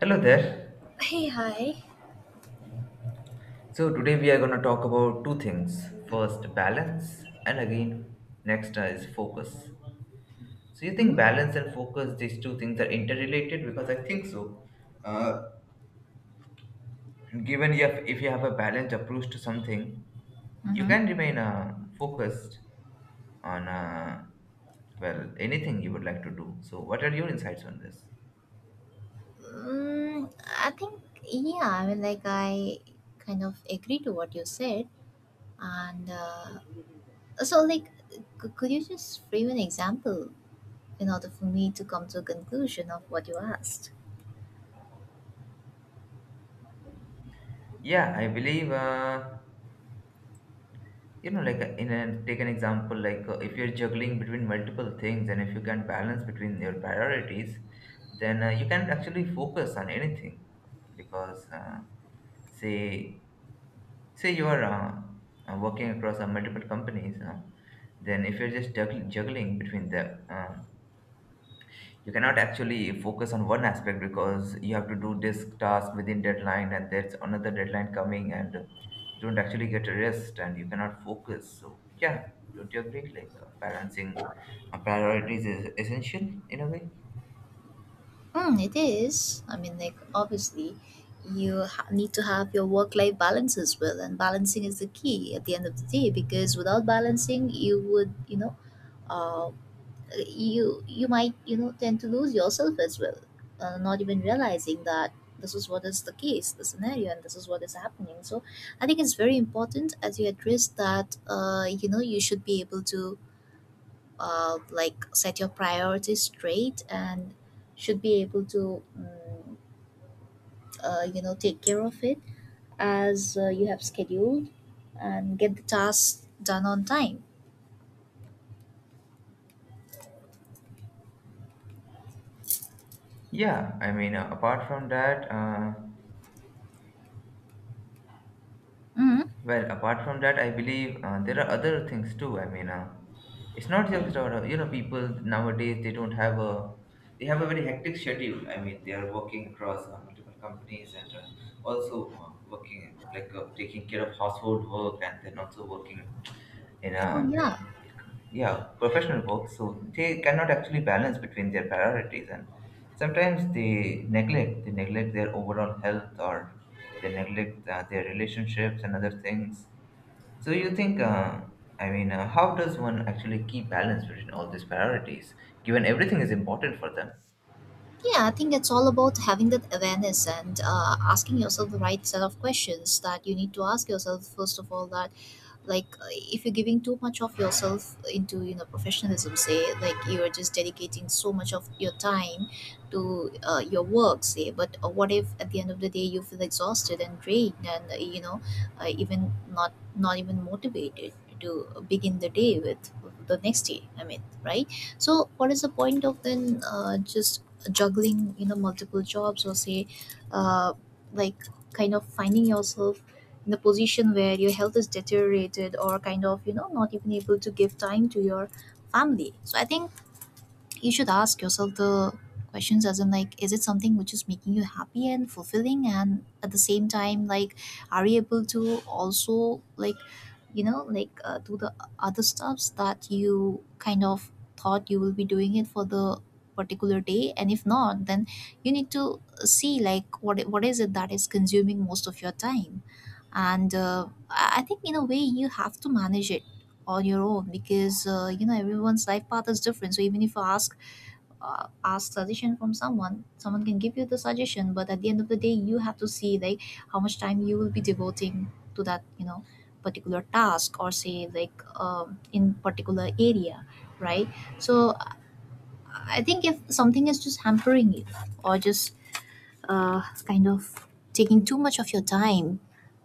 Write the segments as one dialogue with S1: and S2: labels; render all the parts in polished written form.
S1: Hello there.
S2: Hey, hi.
S1: So today we are going to talk about two things. First, balance, and again, next is focus. So you think balance and focus, these two things are interrelated because I think so. Uh, Given you have, if you have a balanced approach to something, you can remain focused on well, anything you would like to do. So what are your insights on this?
S2: Mm, I think, yeah, I mean, like, I kind of agree to what you said. And so, like, could you just frame an example in order for me to come to a conclusion of what you asked?
S1: Yeah, I believe. Like, in a take an example, like, if you're juggling between multiple things and if you can balance between your priorities, then you can actually focus on anything because say say, you are working across multiple companies, then if you're just juggling between them, you cannot actually focus on one aspect because you have to do this task within deadline and there's another deadline coming and you don't actually get a rest and you cannot focus. So yeah, don't you agree, like, balancing priorities is essential in a way?
S2: Mm, it is. I mean, like, obviously, you need to have your work life balance as well. And balancing is the key at the end of the day, because without balancing, you would, you know, uh, you might tend to lose yourself as well, not even realizing that this is what is the case, the scenario, and this is what is happening. So I think it's very important, as you address, that you know, you should be able to like set your priorities straight and should be able to you know, take care of it as you have scheduled, and get the tasks done on time.
S1: Yeah, I mean, apart from that,
S2: Hmm.
S1: well, apart from that, I believe there are other things too, I mean. It's not just about, people nowadays, they don't have a, they have a very hectic schedule. I mean, they are working across multiple companies, and also working, like, taking care of household work, and then also working in a,
S2: Oh yeah.
S1: yeah, professional work. So they cannot actually balance between their priorities, and sometimes they neglect their overall health, or they neglect their relationships and other things. So you think, I mean, how does one actually keep balance between all these priorities, given everything is important for them?
S2: Yeah, I think it's all about having that awareness and asking yourself the right set of questions that you need to ask yourself, first of all, that like if you're giving too much of yourself into, you know, professionalism, say, like you're just dedicating so much of your time to your work, say. But what if at the end of the day you feel exhausted and drained and, you know, even not even motivated to begin the day with the next day, I mean, right? So what is the point of then just juggling, you know, multiple jobs, or say uh, like kind of finding yourself in the position where your health is deteriorated, or kind of, you know, not even able to give time to your family. So I think you should ask yourself the questions, as in like, is it something which is making you happy and fulfilling, and at the same time like, are you able to also like, you know, like do the other stuffs that you kind of thought you will be doing it for the particular day? And if not, then you need to see like what is it that is consuming most of your time. And I think in a way you have to manage it on your own, because you know, everyone's life path is different. So even if you ask ask suggestion from someone, someone can give you the suggestion, but at the end of the day you have to see like how much time you will be devoting to that, you know, particular task, or say like in particular area, right? So I think if something is just hampering you, or just kind of taking too much of your time,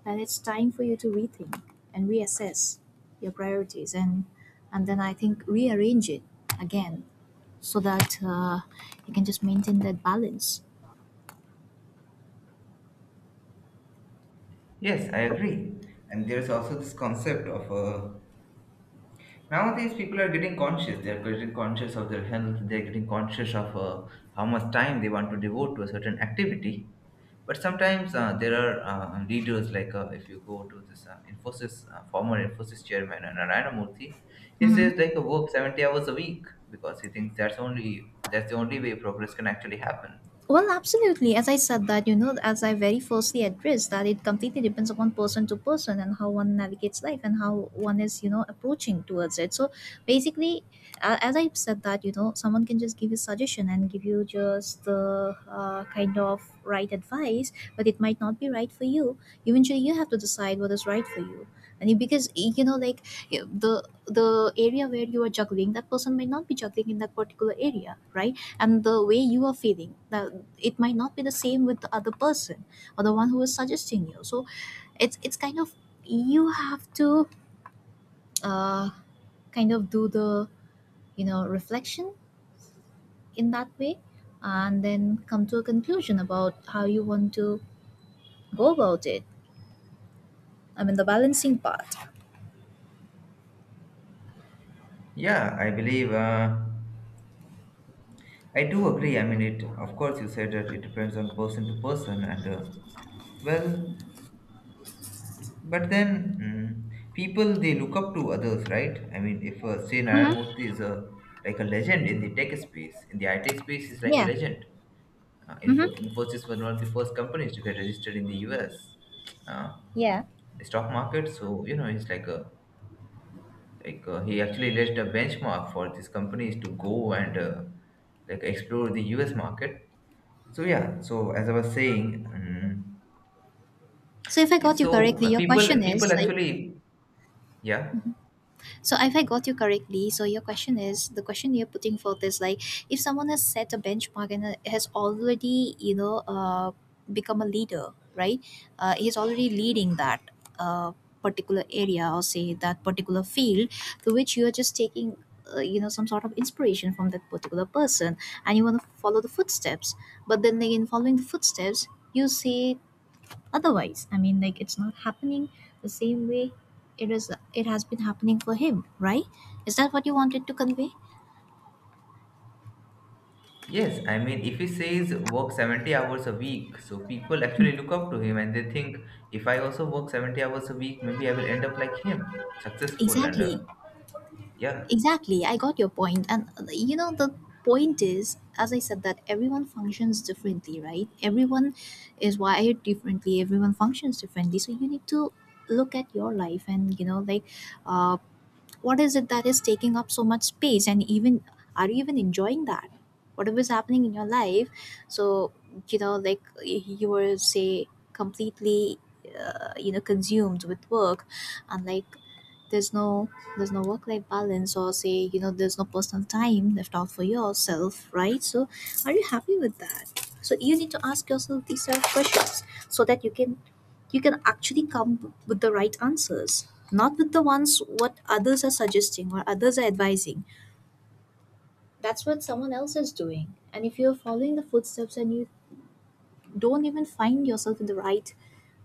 S2: and it's time for you to rethink and reassess your priorities, and then I think rearrange it again, so that you can just maintain that balance.
S1: Yes, I agree. And there's also this concept of nowadays people are getting conscious. They're getting conscious of their health. They're getting conscious of how much time they want to devote to a certain activity. But sometimes there are leaders. Like, if you go to this Infosys former Infosys chairman Narayana Murthy, he
S2: Mhm.
S1: says, like, work 70 hours a week because he thinks that's only that's the only way progress can actually happen.
S2: Well, absolutely. As I said that, you know, as I very firstly addressed, that it completely depends upon person to person and how one navigates life and how one is, you know, approaching towards it. So basically, as I said that, you know, someone can just give you suggestion and give you just the kind of right advice, but it might not be right for you. Eventually, you have to decide what is right for you. And because you know, like the area where you are juggling, that person might not be juggling in that particular area, right? And the way you are feeling, that it might not be the same with the other person, or the one who is suggesting you. So it's kind of, you have to uh, kind of do the, you know, reflection in that way, and then come to a conclusion about how you want to go about it, I mean the balancing part.
S1: Yeah, I believe. I do agree. I mean, it, of course, you said that it depends on person to person, and well, but then, people, they look up to others, right? I mean, if say Narayana
S2: Mm-hmm.
S1: Murthy is a like a legend in the tech space, in the IT space, he's like a
S2: Yeah.
S1: legend.
S2: Mm-hmm.
S1: Infosys was one of the first companies to get registered in the US uh,
S2: Yeah.
S1: stock market. So, it's like a, he actually laid a benchmark for these companies to go and like, explore the US market. So yeah, so as I was saying,
S2: so if I got you
S1: so
S2: correctly your
S1: people
S2: question
S1: people
S2: is like
S1: actually yeah
S2: So if I got you correctly, so your question, is the question you're putting forth is like, if someone has set a benchmark and has already, you know, become a leader, right? He's already leading that Uh, particular area, or say that particular field, to which you are just taking you know, some sort of inspiration from that particular person, and you want to follow the footsteps. But then again, following the footsteps, you say, otherwise, I mean, like, it's not happening the same way it is. It has been happening for him, right? Is that what you wanted to convey?
S1: yes, I mean, if he says work 70 hours a week, so people
S2: Mm.
S1: actually look up to him, and they think if I also work 70 hours a week, maybe I will end up like him, successful, and
S2: Exactly.
S1: yeah,
S2: Exactly. I got your point. And you know, the point is, as I said, that everyone functions differently, right? Everyone is wired differently, everyone functions differently. So you need to look at your life and, you know, like, uh, what is it that is taking up so much space? And even, are you even enjoying that whatever is happening in your life? So, you know, like, you were, say, completely, you know, consumed with work, and like, there's no, there's no work life balance, or say, you know, there's no personal time left out for yourself, right? So, are you happy with that? So you need to ask yourself these self questions, so that you can, you can actually come with the right answers, not with the ones what others are suggesting or others are advising. That's what someone else is doing, and if you're following the footsteps and you don't even find yourself in the right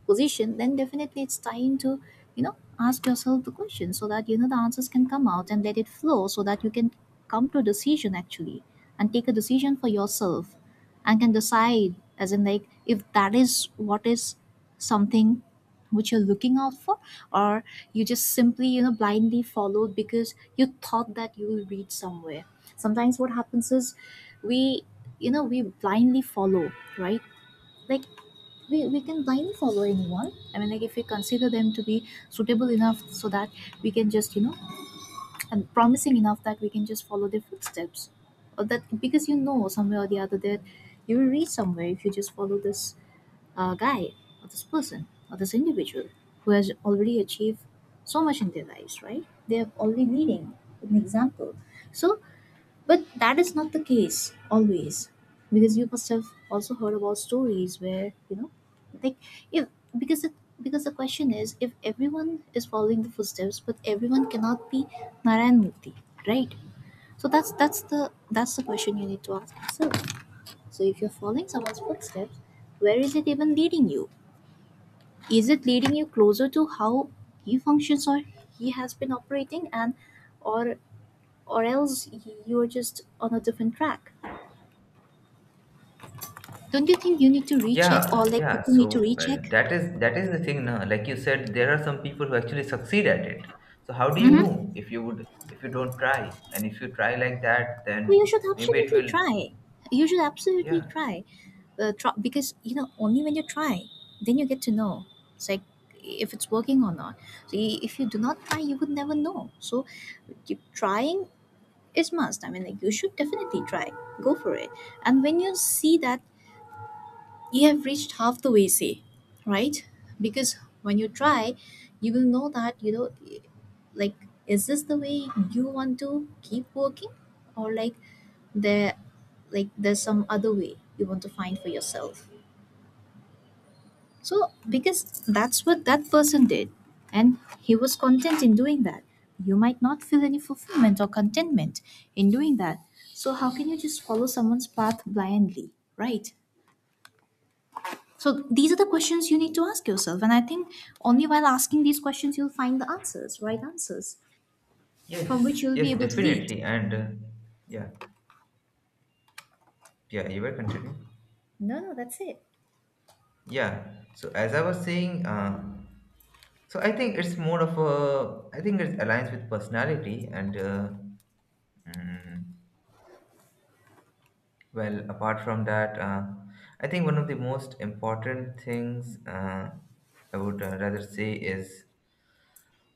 S2: position, then definitely it's time to, you know, ask yourself the question, so that you know the answers can come out, and let it flow, so that you can come to a decision, actually, and take a decision for yourself, and can decide, as in like, if that is what is something which you're looking out for, or you just simply, you know, blindly followed because you thought that you will reach somewhere. Sometimes what happens is, we, you know, we blindly follow, right? Like, we can blindly follow anyone, I mean, like, if we consider them to be suitable enough, so that we can just, you know, and promising enough, that we can just follow their footsteps, or that, because you know, somewhere or the other, that you will reach somewhere if you just follow this guy, or this person, or this individual, who has already achieved so much in their lives, right? They are already leading an example. So, but that is not the case always, because you must have also heard about stories where, you know, like, if, because it, because the question is, if everyone is following the footsteps, but everyone cannot be Narayan Murthy, right? So that's the, that's the question you need to ask yourself. So if you're following someone's footsteps, where is it even leading you? Is it leading you closer to how he functions, or he has been operating, and, or or else, you're just on a different track? Don't you think you need to recheck,
S1: yeah,
S2: or like,
S1: yeah.
S2: people need to
S1: So
S2: recheck?
S1: that is the thing now. Like you said, there are some people who actually succeed at it. So how do you
S2: Hmm.
S1: know if you don't try? And if you try like that,
S2: Well, you
S1: then
S2: should
S1: maybe it
S2: absolutely
S1: will.
S2: try. You should absolutely
S1: Yeah.
S2: try. Try, because you know, only when you try, then you get to know. It's like, if it's working or not. So if you do not try, you would never know. So you, trying is must. I mean, like, you should definitely try. Go for it. And when you see that you have reached half the way, say, right? Because when you try, you will know that, you know, like, is this the way you want to keep working, or like, there, like there's some other way you want to find for yourself? So, because that's what that person did, and he was content in doing that. You might not feel any fulfillment or contentment in doing that. So how can you just follow someone's path blindly, right? So these are the questions you need to ask yourself. And I think only while asking these questions, you'll find the answers, right answers, from
S1: Yes.
S2: which you'll be
S1: Yes.
S2: able to lead.
S1: Definitely. And yeah, yeah. You were continuing.
S2: No, no, that's it.
S1: Yeah. So as I was saying, so I think it's more of a. I think it aligns with personality and. Mm, Well, apart from that, I think one of the most important things, I would rather say, is,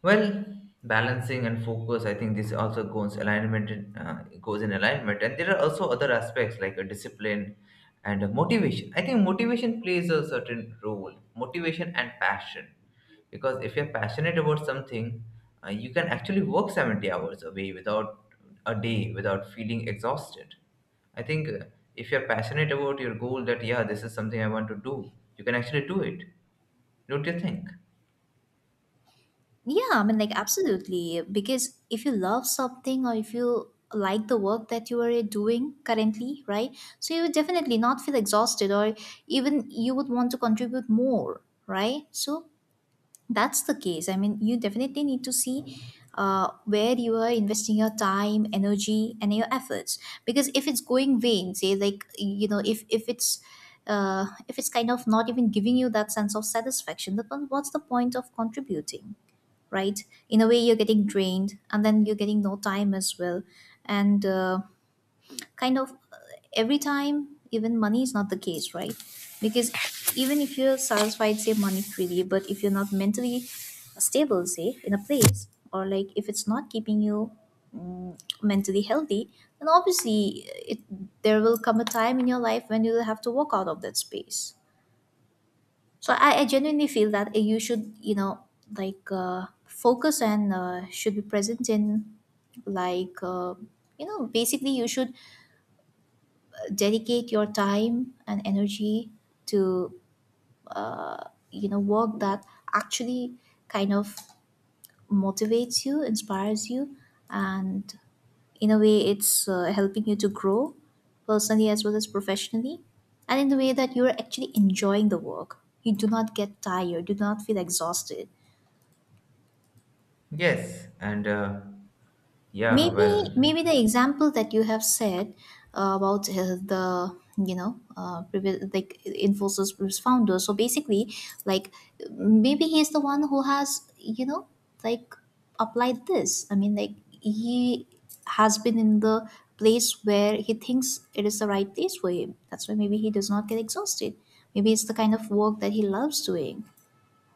S1: well, balancing and focus, I think this also goes in alignment, and there are also other aspects like a discipline and a motivation. I think motivation plays a certain role, motivation and passion, because if you're passionate about something, you can actually work 70 hours a day without feeling exhausted. I think, if you're passionate about your goal that, yeah, this is something I want to do, you can actually do it. Don't you think?
S2: Yeah, I mean, like, absolutely. Because if you love something, or if you like the work that you are doing currently, right? So you would definitely not feel exhausted, or even you would want to contribute more, right? So that's the case, I mean you definitely need to see where you are investing your time, energy and your efforts, because if it's going vain, say, like, you know, if it's kind of not even giving you that sense of satisfaction, then what's the point of contributing, right? In a way, you're getting drained, and then you're getting no time as well. And kind of every time, even money is not the case, right? Because even if you're satisfied, say, money freely, but if you're not mentally stable, say, in a place, or like if it's not keeping you mentally healthy, then obviously, it there will come a time in your life when you will have to walk out of that space. So I genuinely feel that you should, like, focus, and should be present in, like, basically you should dedicate your time and energy to work that actually kind of motivates you, inspires you, and in a way it's helping you to grow personally as well as professionally, and in the way that you're actually enjoying the work, you do not get tired, do not feel exhausted.
S1: Yes, and yeah,
S2: Maybe,
S1: well,
S2: maybe the example that you have said about the, like, Infosys was founder. So basically, like, maybe he's the one who has, like, applied this. I mean, like, he has been in the place where he thinks it is the right place for him. That's why maybe he does not get exhausted. Maybe it's the kind of work that he loves doing.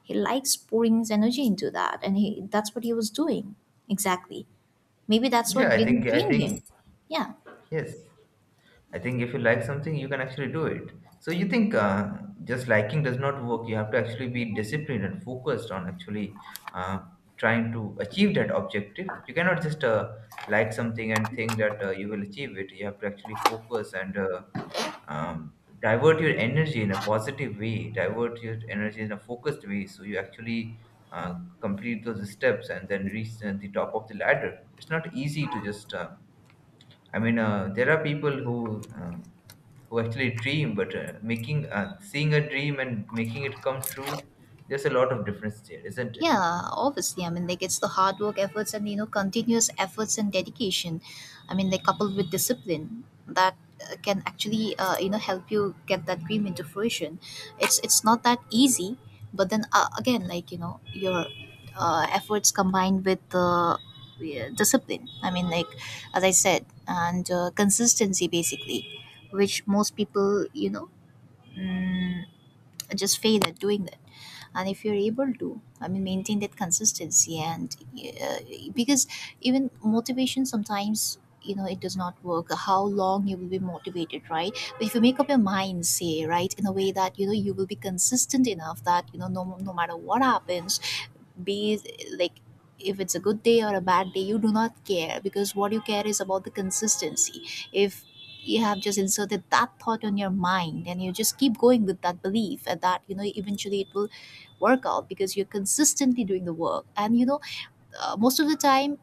S2: He likes pouring his energy into that, and he that's what he was doing exactly. Maybe that's
S1: yeah,
S2: what didn't drain him. Yeah.
S1: yes, I think if you like something, you can actually do it. So you think, just liking does not work. You have to actually be disciplined and focused on actually uh, trying to achieve that objective. You cannot just like something and think that you will achieve it. You have to actually focus and um, divert your energy in a positive way, divert your energy in a focused way, so you actually complete those steps and then reach the top of the ladder. It's not easy to just. I mean, there are people who actually dream, but making seeing a dream and making it come true, there's a lot of difference there, isn't it?
S2: Yeah, obviously. I mean, like, it's the hard work, efforts, and, you know, continuous efforts and dedication. I mean, like, coupled with discipline that can actually, you know, help you get that dream into fruition. It's not that easy, but then, again, like, you know, your efforts combined with the discipline. I mean, like, as I said, and consistency basically, which most people, you know, Mm, just fail at doing that. And if you're able to, I mean, maintain that consistency and uh, because even motivation sometimes, you know, it does not work. How long you will be motivated, right? But if you make up your mind, say, right, in a way that, you know, you will be consistent enough that, you know, no matter what happens, be it, like, if it's a good day or a bad day, you do not care, because what you care is about the consistency. If you have just inserted that thought on your mind, and you just keep going with that belief, and that, you know, eventually it will work out, because you're consistently doing the work. And, most of the time,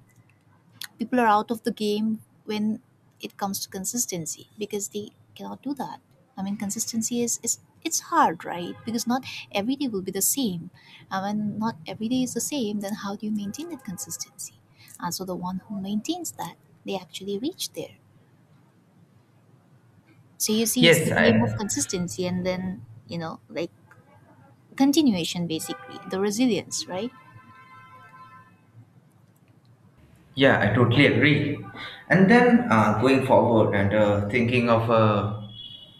S2: people are out of the game when it comes to consistency, because they cannot do that. I mean, consistency is it's hard, right? Because not every day will be the same, and when not every day is the same, then how do you maintain that consistency? And so the one who maintains that, they actually reach there. So you see, it's
S1: Yes,
S2: the game of
S1: I
S2: consistency and then, you know, like, continuation basically, the resilience, right?
S1: yeah, I totally agree. And then, going forward and thinking of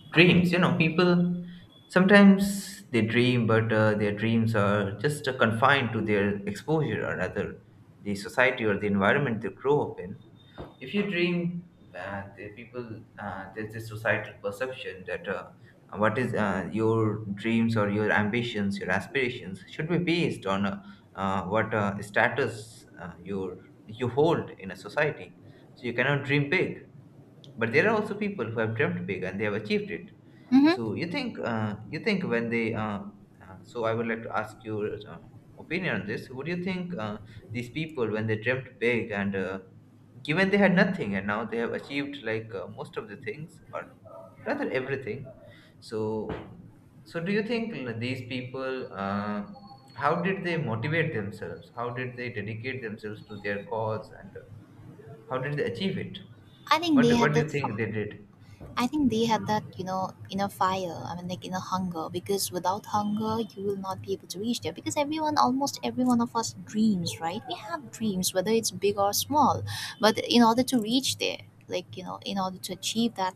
S1: dreams, people sometimes they dream, but their dreams are just confined to their exposure, or rather the society or the environment they grow up in. If you dream, there's this societal perception that what is, your dreams or your ambitions, your aspirations should be based on what status, you hold in a society. So you cannot dream big. But there are also people who have dreamt big and they have achieved it.
S2: Mm-hmm.
S1: So you think, you think when they so I would like to ask your opinion on this. Would you think, these people, when they dreamt big, and given they had nothing and now they have achieved, like, most of the things, or rather everything. So so, do you think, these people, how did they motivate themselves? How did they dedicate themselves to their cause, and how did they achieve it?
S2: I think they
S1: What
S2: had
S1: do you
S2: that.
S1: think
S2: Far.
S1: they did?
S2: I think they had that, you know, inner fire. I mean, like, inner hunger. Because without hunger, you will not be able to reach there. Because everyone, almost every one of us, dreams, right? We have dreams, whether it's big or small. But in order to reach there, like, in order to achieve that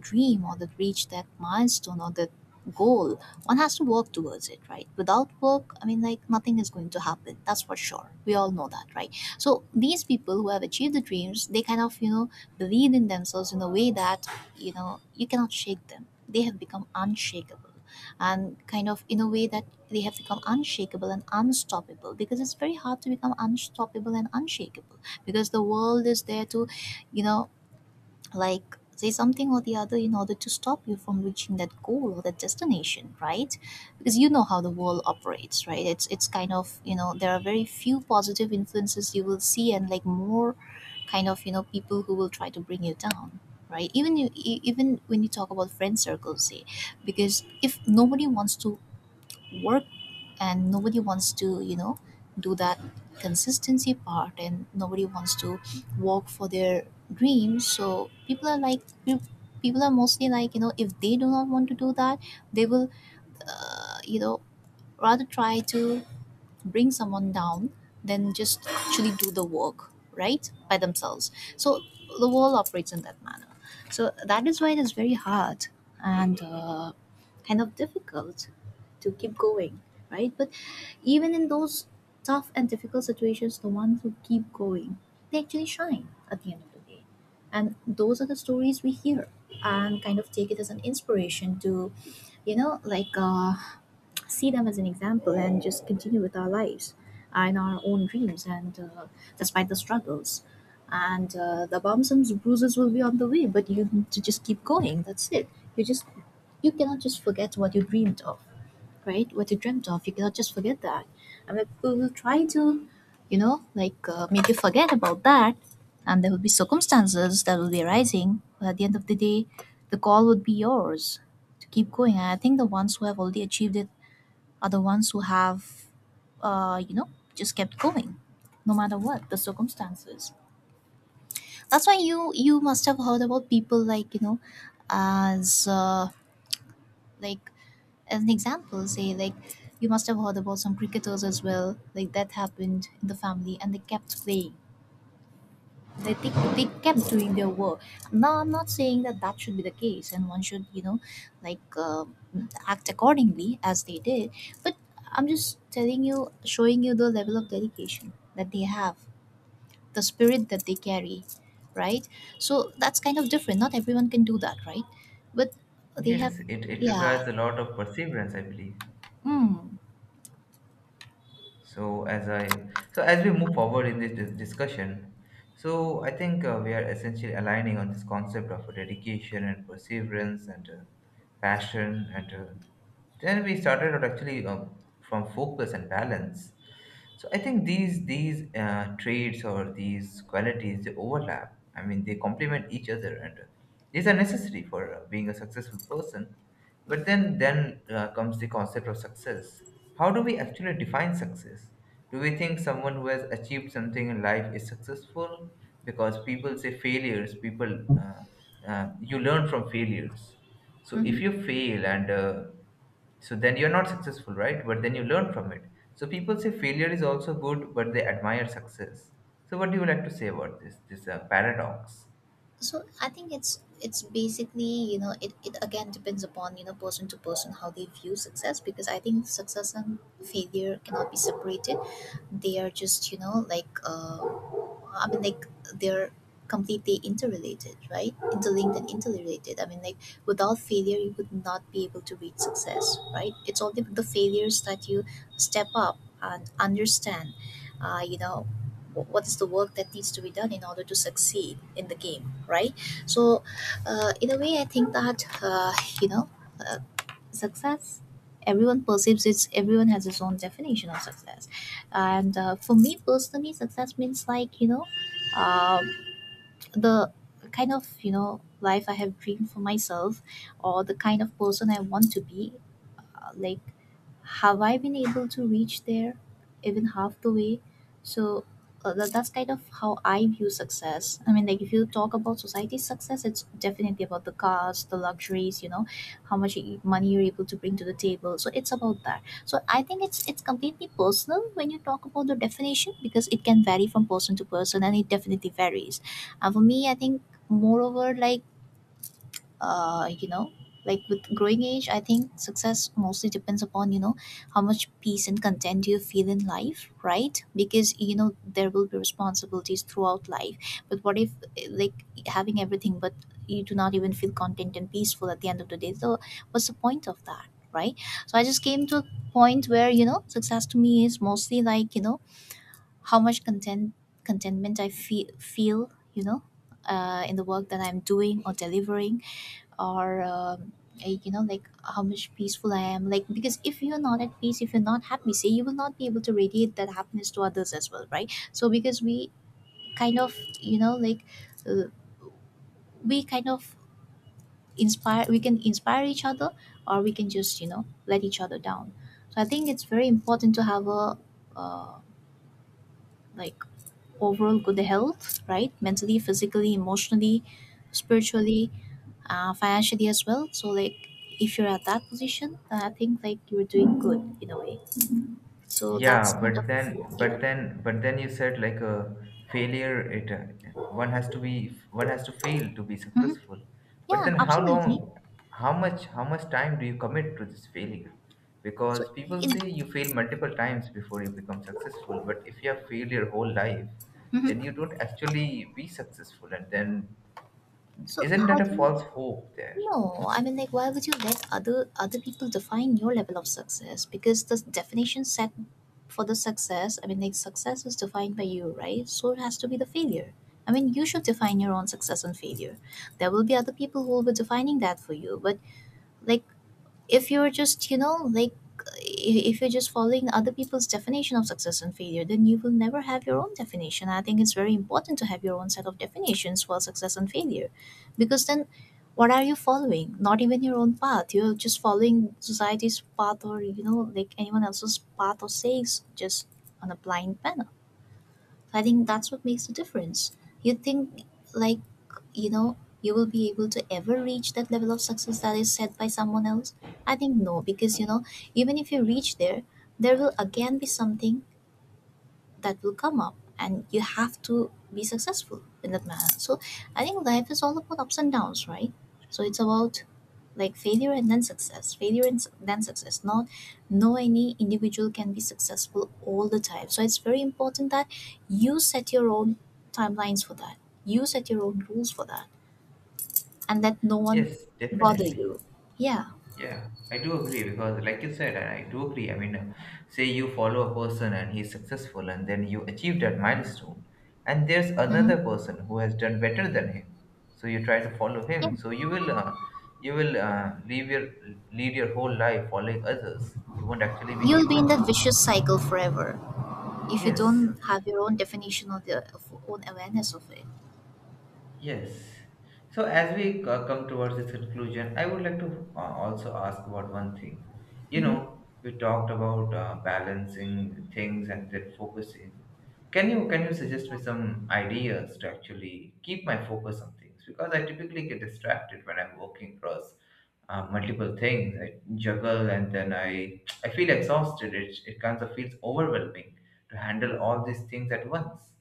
S2: dream or to reach that milestone or that goal, one has to work towards it, right? Without work, I mean, like, nothing is going to happen. That's for sure. We all know that, right? So these people who have achieved the dreams, they kind of, you know, believe in themselves in a way that, you cannot shake them. They have become unshakable, and kind of in a way that they have become unshakable and unstoppable, because it's very hard to become unstoppable and unshakable. Because the world is there to, you know like, say something or the other in order to stop you from reaching that goal or that destination, right? Because you know how the world operates, right? It's kind of, you know, there are very few positive influences you will see, and like, more kind of, you know, people who will try to bring you down, right? Even when you talk about friend circles, say, because if nobody wants to work, and nobody wants to, you know, do that consistency part, and nobody wants to walk for their dreams, so people are people are mostly, like, you know, if they do not want to do that, they will, you know, rather try to bring someone down than just actually do the work, right, by themselves. So the world operates in that manner. So that is why it is very hard, and kind of difficult to keep going, right? But even in those tough and difficult situations, the ones who keep going, they actually shine at the end of the day. And those are the stories we hear, and kind of take it as an inspiration to, like, see them as an example, and just continue with our lives and our own dreams, and despite the struggles, and the bumps and bruises will be on the way, but you need to just keep going. That's it. you just you cannot just forget what you dreamed of, right? What you dreamt of, you cannot just forget that. I mean, people will try to, like, make you forget about that, and there will be circumstances that will be arising, but at the end of the day, the call would be yours to keep going. And I think the ones who have already achieved it are the ones who have, you know, just kept going, no matter what the circumstances. That's why you must have heard about people, like, you know, as like, as an example, say, like, you must have heard about some cricketers as well. Like that happened in the family, and they kept playing, they, they, they kept doing their work. Now, I'm not saying that that should be the case, and one should, you know, like, act accordingly as they did. But I'm just telling you, showing you the level of dedication that they have, the spirit that they carry, right? So that's kind of different, not everyone can do that, right? But they have.
S1: Yes, it
S2: Yeah.
S1: requires a lot of perseverance, I believe.
S2: Mm.
S1: So as I so as we move forward in this discussion, so I think we are essentially aligning on this concept of dedication and perseverance, and passion, and then we started out actually from focus and balance. So I think these traits, or these qualities, they overlap. I mean, they complement each other, and these are necessary for being a successful person. But then comes the concept of success. How do we actually define success? Do we think someone who has achieved something in life is successful? Because people say, failures, people you learn from failures. So if you fail, and so then you're not successful, right, but then you learn from it. So people say failure is also good, but they admire success. So what do you like to say about this paradox?
S2: So I think it's basically, you know, it again depends upon, you know, person to person, how they view success. Because I think success and failure cannot be separated. They are just, you know, like, I mean, like, they're completely interrelated, right? Interlinked and interrelated. I mean, like, without failure, you would not be able to reach success, right? It's only with the failures that you step up and understand, you know, what is the work that needs to be done in order to succeed in the game, right? So, in a way, I think that, you know, uh, success everyone perceives it's everyone has his own definition of success. And for me personally, success means, like, you know, um the kind of, you know, life I have dreamed for myself, or the kind of person I want to be, like, have I been able to reach there, even half the way? So, that's kind of how I view success. I mean, like, if you talk about society's success, it's definitely about the cars, the luxuries, you know, how much money you're able to bring to the table. So it's about that. So I think it's completely personal when you talk about the definition, because it can vary from person to person, and it definitely varies. And for me I think moreover, like, you know, like, with growing age, I think success mostly depends upon, you know, how much peace and content you feel in life, right? Because you know there will be responsibilities throughout life. But what if, like, having everything, but you do not even feel content and peaceful at the end of the day? So what's the point of that, right? So I just came to a point where, you know, success to me is mostly, like, you know, how much contentment I feel, you know, in the work that I'm doing or delivering, or you know, like, how much peaceful I am, like, because if you're not at peace, if you're not happy, say, you will not be able to radiate that happiness to others as well, right? So because we kind of, you know, like, uh, we kind of inspire we can inspire each other, or we can just, you know, let each other down. So I think it's very important to have a uh, like, overall good health, right? Mentally, physically, emotionally, spiritually, financially as well. So like if you're at that position, then I think like you're doing good in a way. So that's
S1: Yeah,
S2: kind
S1: but
S2: of
S1: then,
S2: yeah.
S1: you said, like, a failure. It one has to fail to be
S2: Hmm.
S1: successful. But
S2: Yeah,
S1: then,
S2: absolutely.
S1: how much time do you commit to this failure?
S2: So
S1: Because people
S2: it,
S1: say you fail multiple times before you become successful. But if you have failed your whole life, then
S2: hmm,
S1: you don't actually be successful. And then,
S2: so
S1: isn't that
S2: how
S1: a
S2: do you?
S1: false hope there?
S2: No, I mean like why would you let other people define your level of success? Because the definition set for the success, I mean like success is defined by you, right? So it has to be the failure. I mean, you should define your own success and failure. There will be other people who will be defining that for you, but like if you're just you know like if you're just following other people's definition of success and failure, then you will never have your own definition. I think it's very important to have your own set of definitions for success and failure, because then what are you following? Not even your own path, you're just following society's path or you know like anyone else's path or sayings, just on a blind manner. I think that's what makes the difference. You think, like, you know, you will be able to ever reach that level of success that is set by someone else? I think no, because, you know, even if you reach there, there will again be something that will come up and you have to be successful in that manner. So I think life is all about ups and downs, right? So it's about like failure and then success, then success. Not no any individual can be successful all the time, so it's very important that you set your own timelines for that, you set your own rules for that, and let no one
S1: Yes,
S2: bother
S1: definitely.
S2: you. Yeah.
S1: Yeah, I do agree because, like you said, I do agree. I mean, say you follow a person and he's successful, and then you achieve that milestone, and there's
S2: Hmm.
S1: another person who has done better than him. So you try to follow him.
S2: Yeah,
S1: So you will leave your lead your whole life following others. You won't actually be
S2: you'll be
S1: able
S2: in
S1: to.
S2: that vicious cycle forever if you
S1: Yes.
S2: don't have your own definition of your of own awareness of it.
S1: Yes. So as we come towards this conclusion, I would like to also ask about one thing. You know, we talked about balancing things and then focusing. Can you suggest me some ideas to actually keep my focus on things? Because I typically get distracted when I'm working across multiple things. I juggle, and then I feel exhausted. It kind of feels overwhelming to handle all these things at once.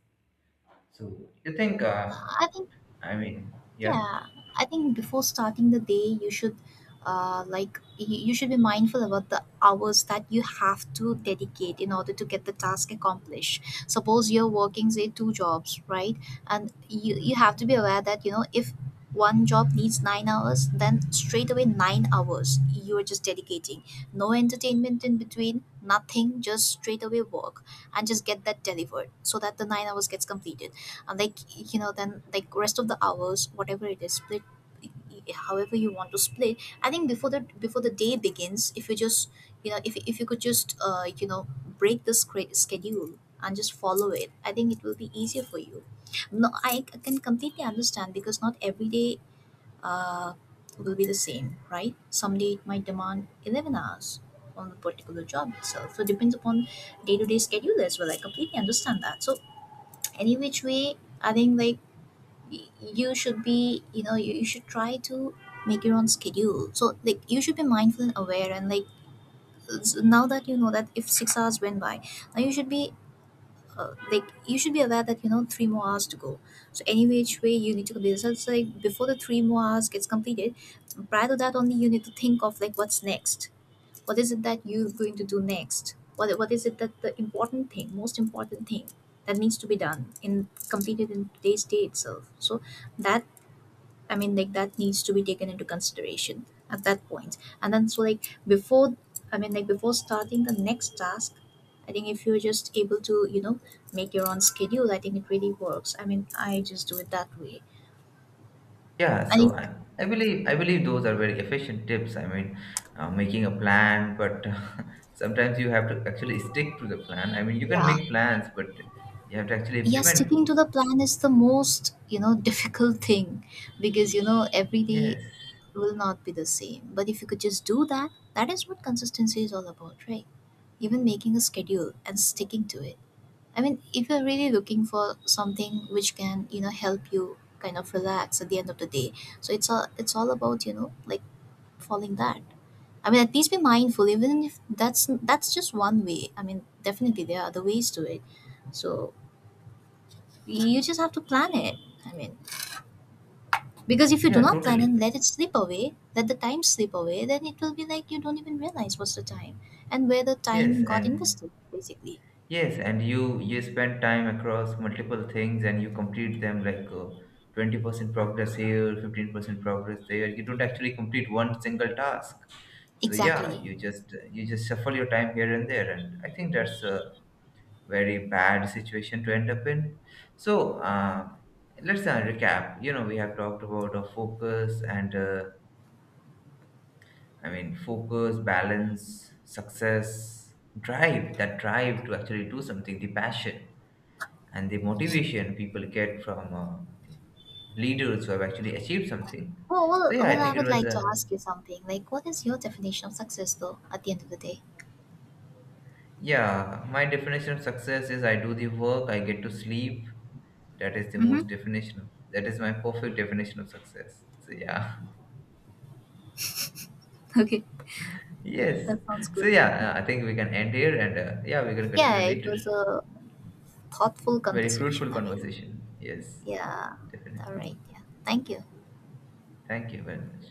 S1: So you think?
S2: I think.
S1: I mean, yeah.
S2: Yeah, I think before starting the day, you should like you should be mindful about the hours that you have to dedicate in order to get the task accomplished. Suppose you're working, say, 2 jobs, right? And you have to be aware that you know if one job needs 9 hours, then straight away 9 hours you are just dedicating. No entertainment in between, nothing, just straight away work and just get that delivered so that the 9 hours gets completed. And like you know then like rest of the hours, whatever it is, split however you want to split. I think before the day begins, if you just you know if you could just you know, break the schedule and just follow it, I think it will be easier for you. No, I can completely understand because not every day uh, will be the same, right? Someday it might demand 11 hours on the particular job itself, so it depends upon day-to-day schedule as well. I completely understand that. So any which way, I think like you should be you know you should try to make your own schedule. So like you should be mindful and aware, and like now that you know that if 6 hours went by, now you should be like you should be aware that you know 3 more hours to go. So any which way you need to complete this, so it's like before the 3 more hours gets completed, prior to that only you need to think of like what's next, what is it that you're going to do next, what is it that the important thing most important thing that needs to be done in completed in today's day itself. So that, I mean, like that needs to be taken into consideration at that point. And then, so like before, I mean, like before starting the next task, I think if you're just able to, you know, make your own schedule, I think it really works. I mean, I just do it that way.
S1: Yeah, so
S2: And it,
S1: I believe those are very efficient tips. I mean, making a plan, but sometimes you have to actually stick to the plan. I mean, you can
S2: yeah.
S1: make plans, but you have to actually
S2: Yeah,
S1: implement
S2: sticking to
S1: those.
S2: the plan is the most, you know, difficult thing because, you know, every day
S1: Yes.
S2: will not be the same. But if you could just do that, that is what consistency is all about, right? Even making a schedule and sticking to it. I mean, if you're really looking for something which can, you know, help you kind of relax at the end of the day, so it's all about, you know, like following that. I mean, at least be mindful, even if that's just one way. I mean, definitely there are other ways to it. So you just have to plan it. I mean, because if you do
S1: Yeah,
S2: not plan
S1: totally.
S2: and let it slip away, let the time slip away, then it will be like you don't even realize what's the time and where the
S1: Yes,
S2: time got
S1: and
S2: invested, basically.
S1: yes, and you spend time across multiple things and you complete them, like, 20% progress here, 15% progress there. You don't actually complete one single task. So yeah,
S2: Exactly.
S1: you just shuffle your time here and there, and I think that's a very bad situation to end up in. So let's recap. You know, we have talked about focus and, I mean, focus, balance, success, drive. That drive to actually do something, the passion and the motivation people get from leaders who have actually achieved something.
S2: Well,
S1: So
S2: well,
S1: yeah, I
S2: well, I
S1: think it
S2: would
S1: was
S2: like to
S1: a
S2: ask you something. Like, what is your definition of success, though, at the end of the day?
S1: Yeah, my definition of success is I do the work, I get to sleep.
S2: Mm-hmm.
S1: That is my perfect definition of success. So yeah,
S2: Okay,
S1: yes.
S2: that sounds
S1: So
S2: good.
S1: yeah, I think we can end here, and yeah, we can
S2: Yeah,
S1: continue
S2: it
S1: later.
S2: was a thoughtful
S1: Very fruitful
S2: conversation. I mean,
S1: conversation. Yes,
S2: yeah. All
S1: definitely.
S2: right. Yeah. Thank you.
S1: Thank you very much.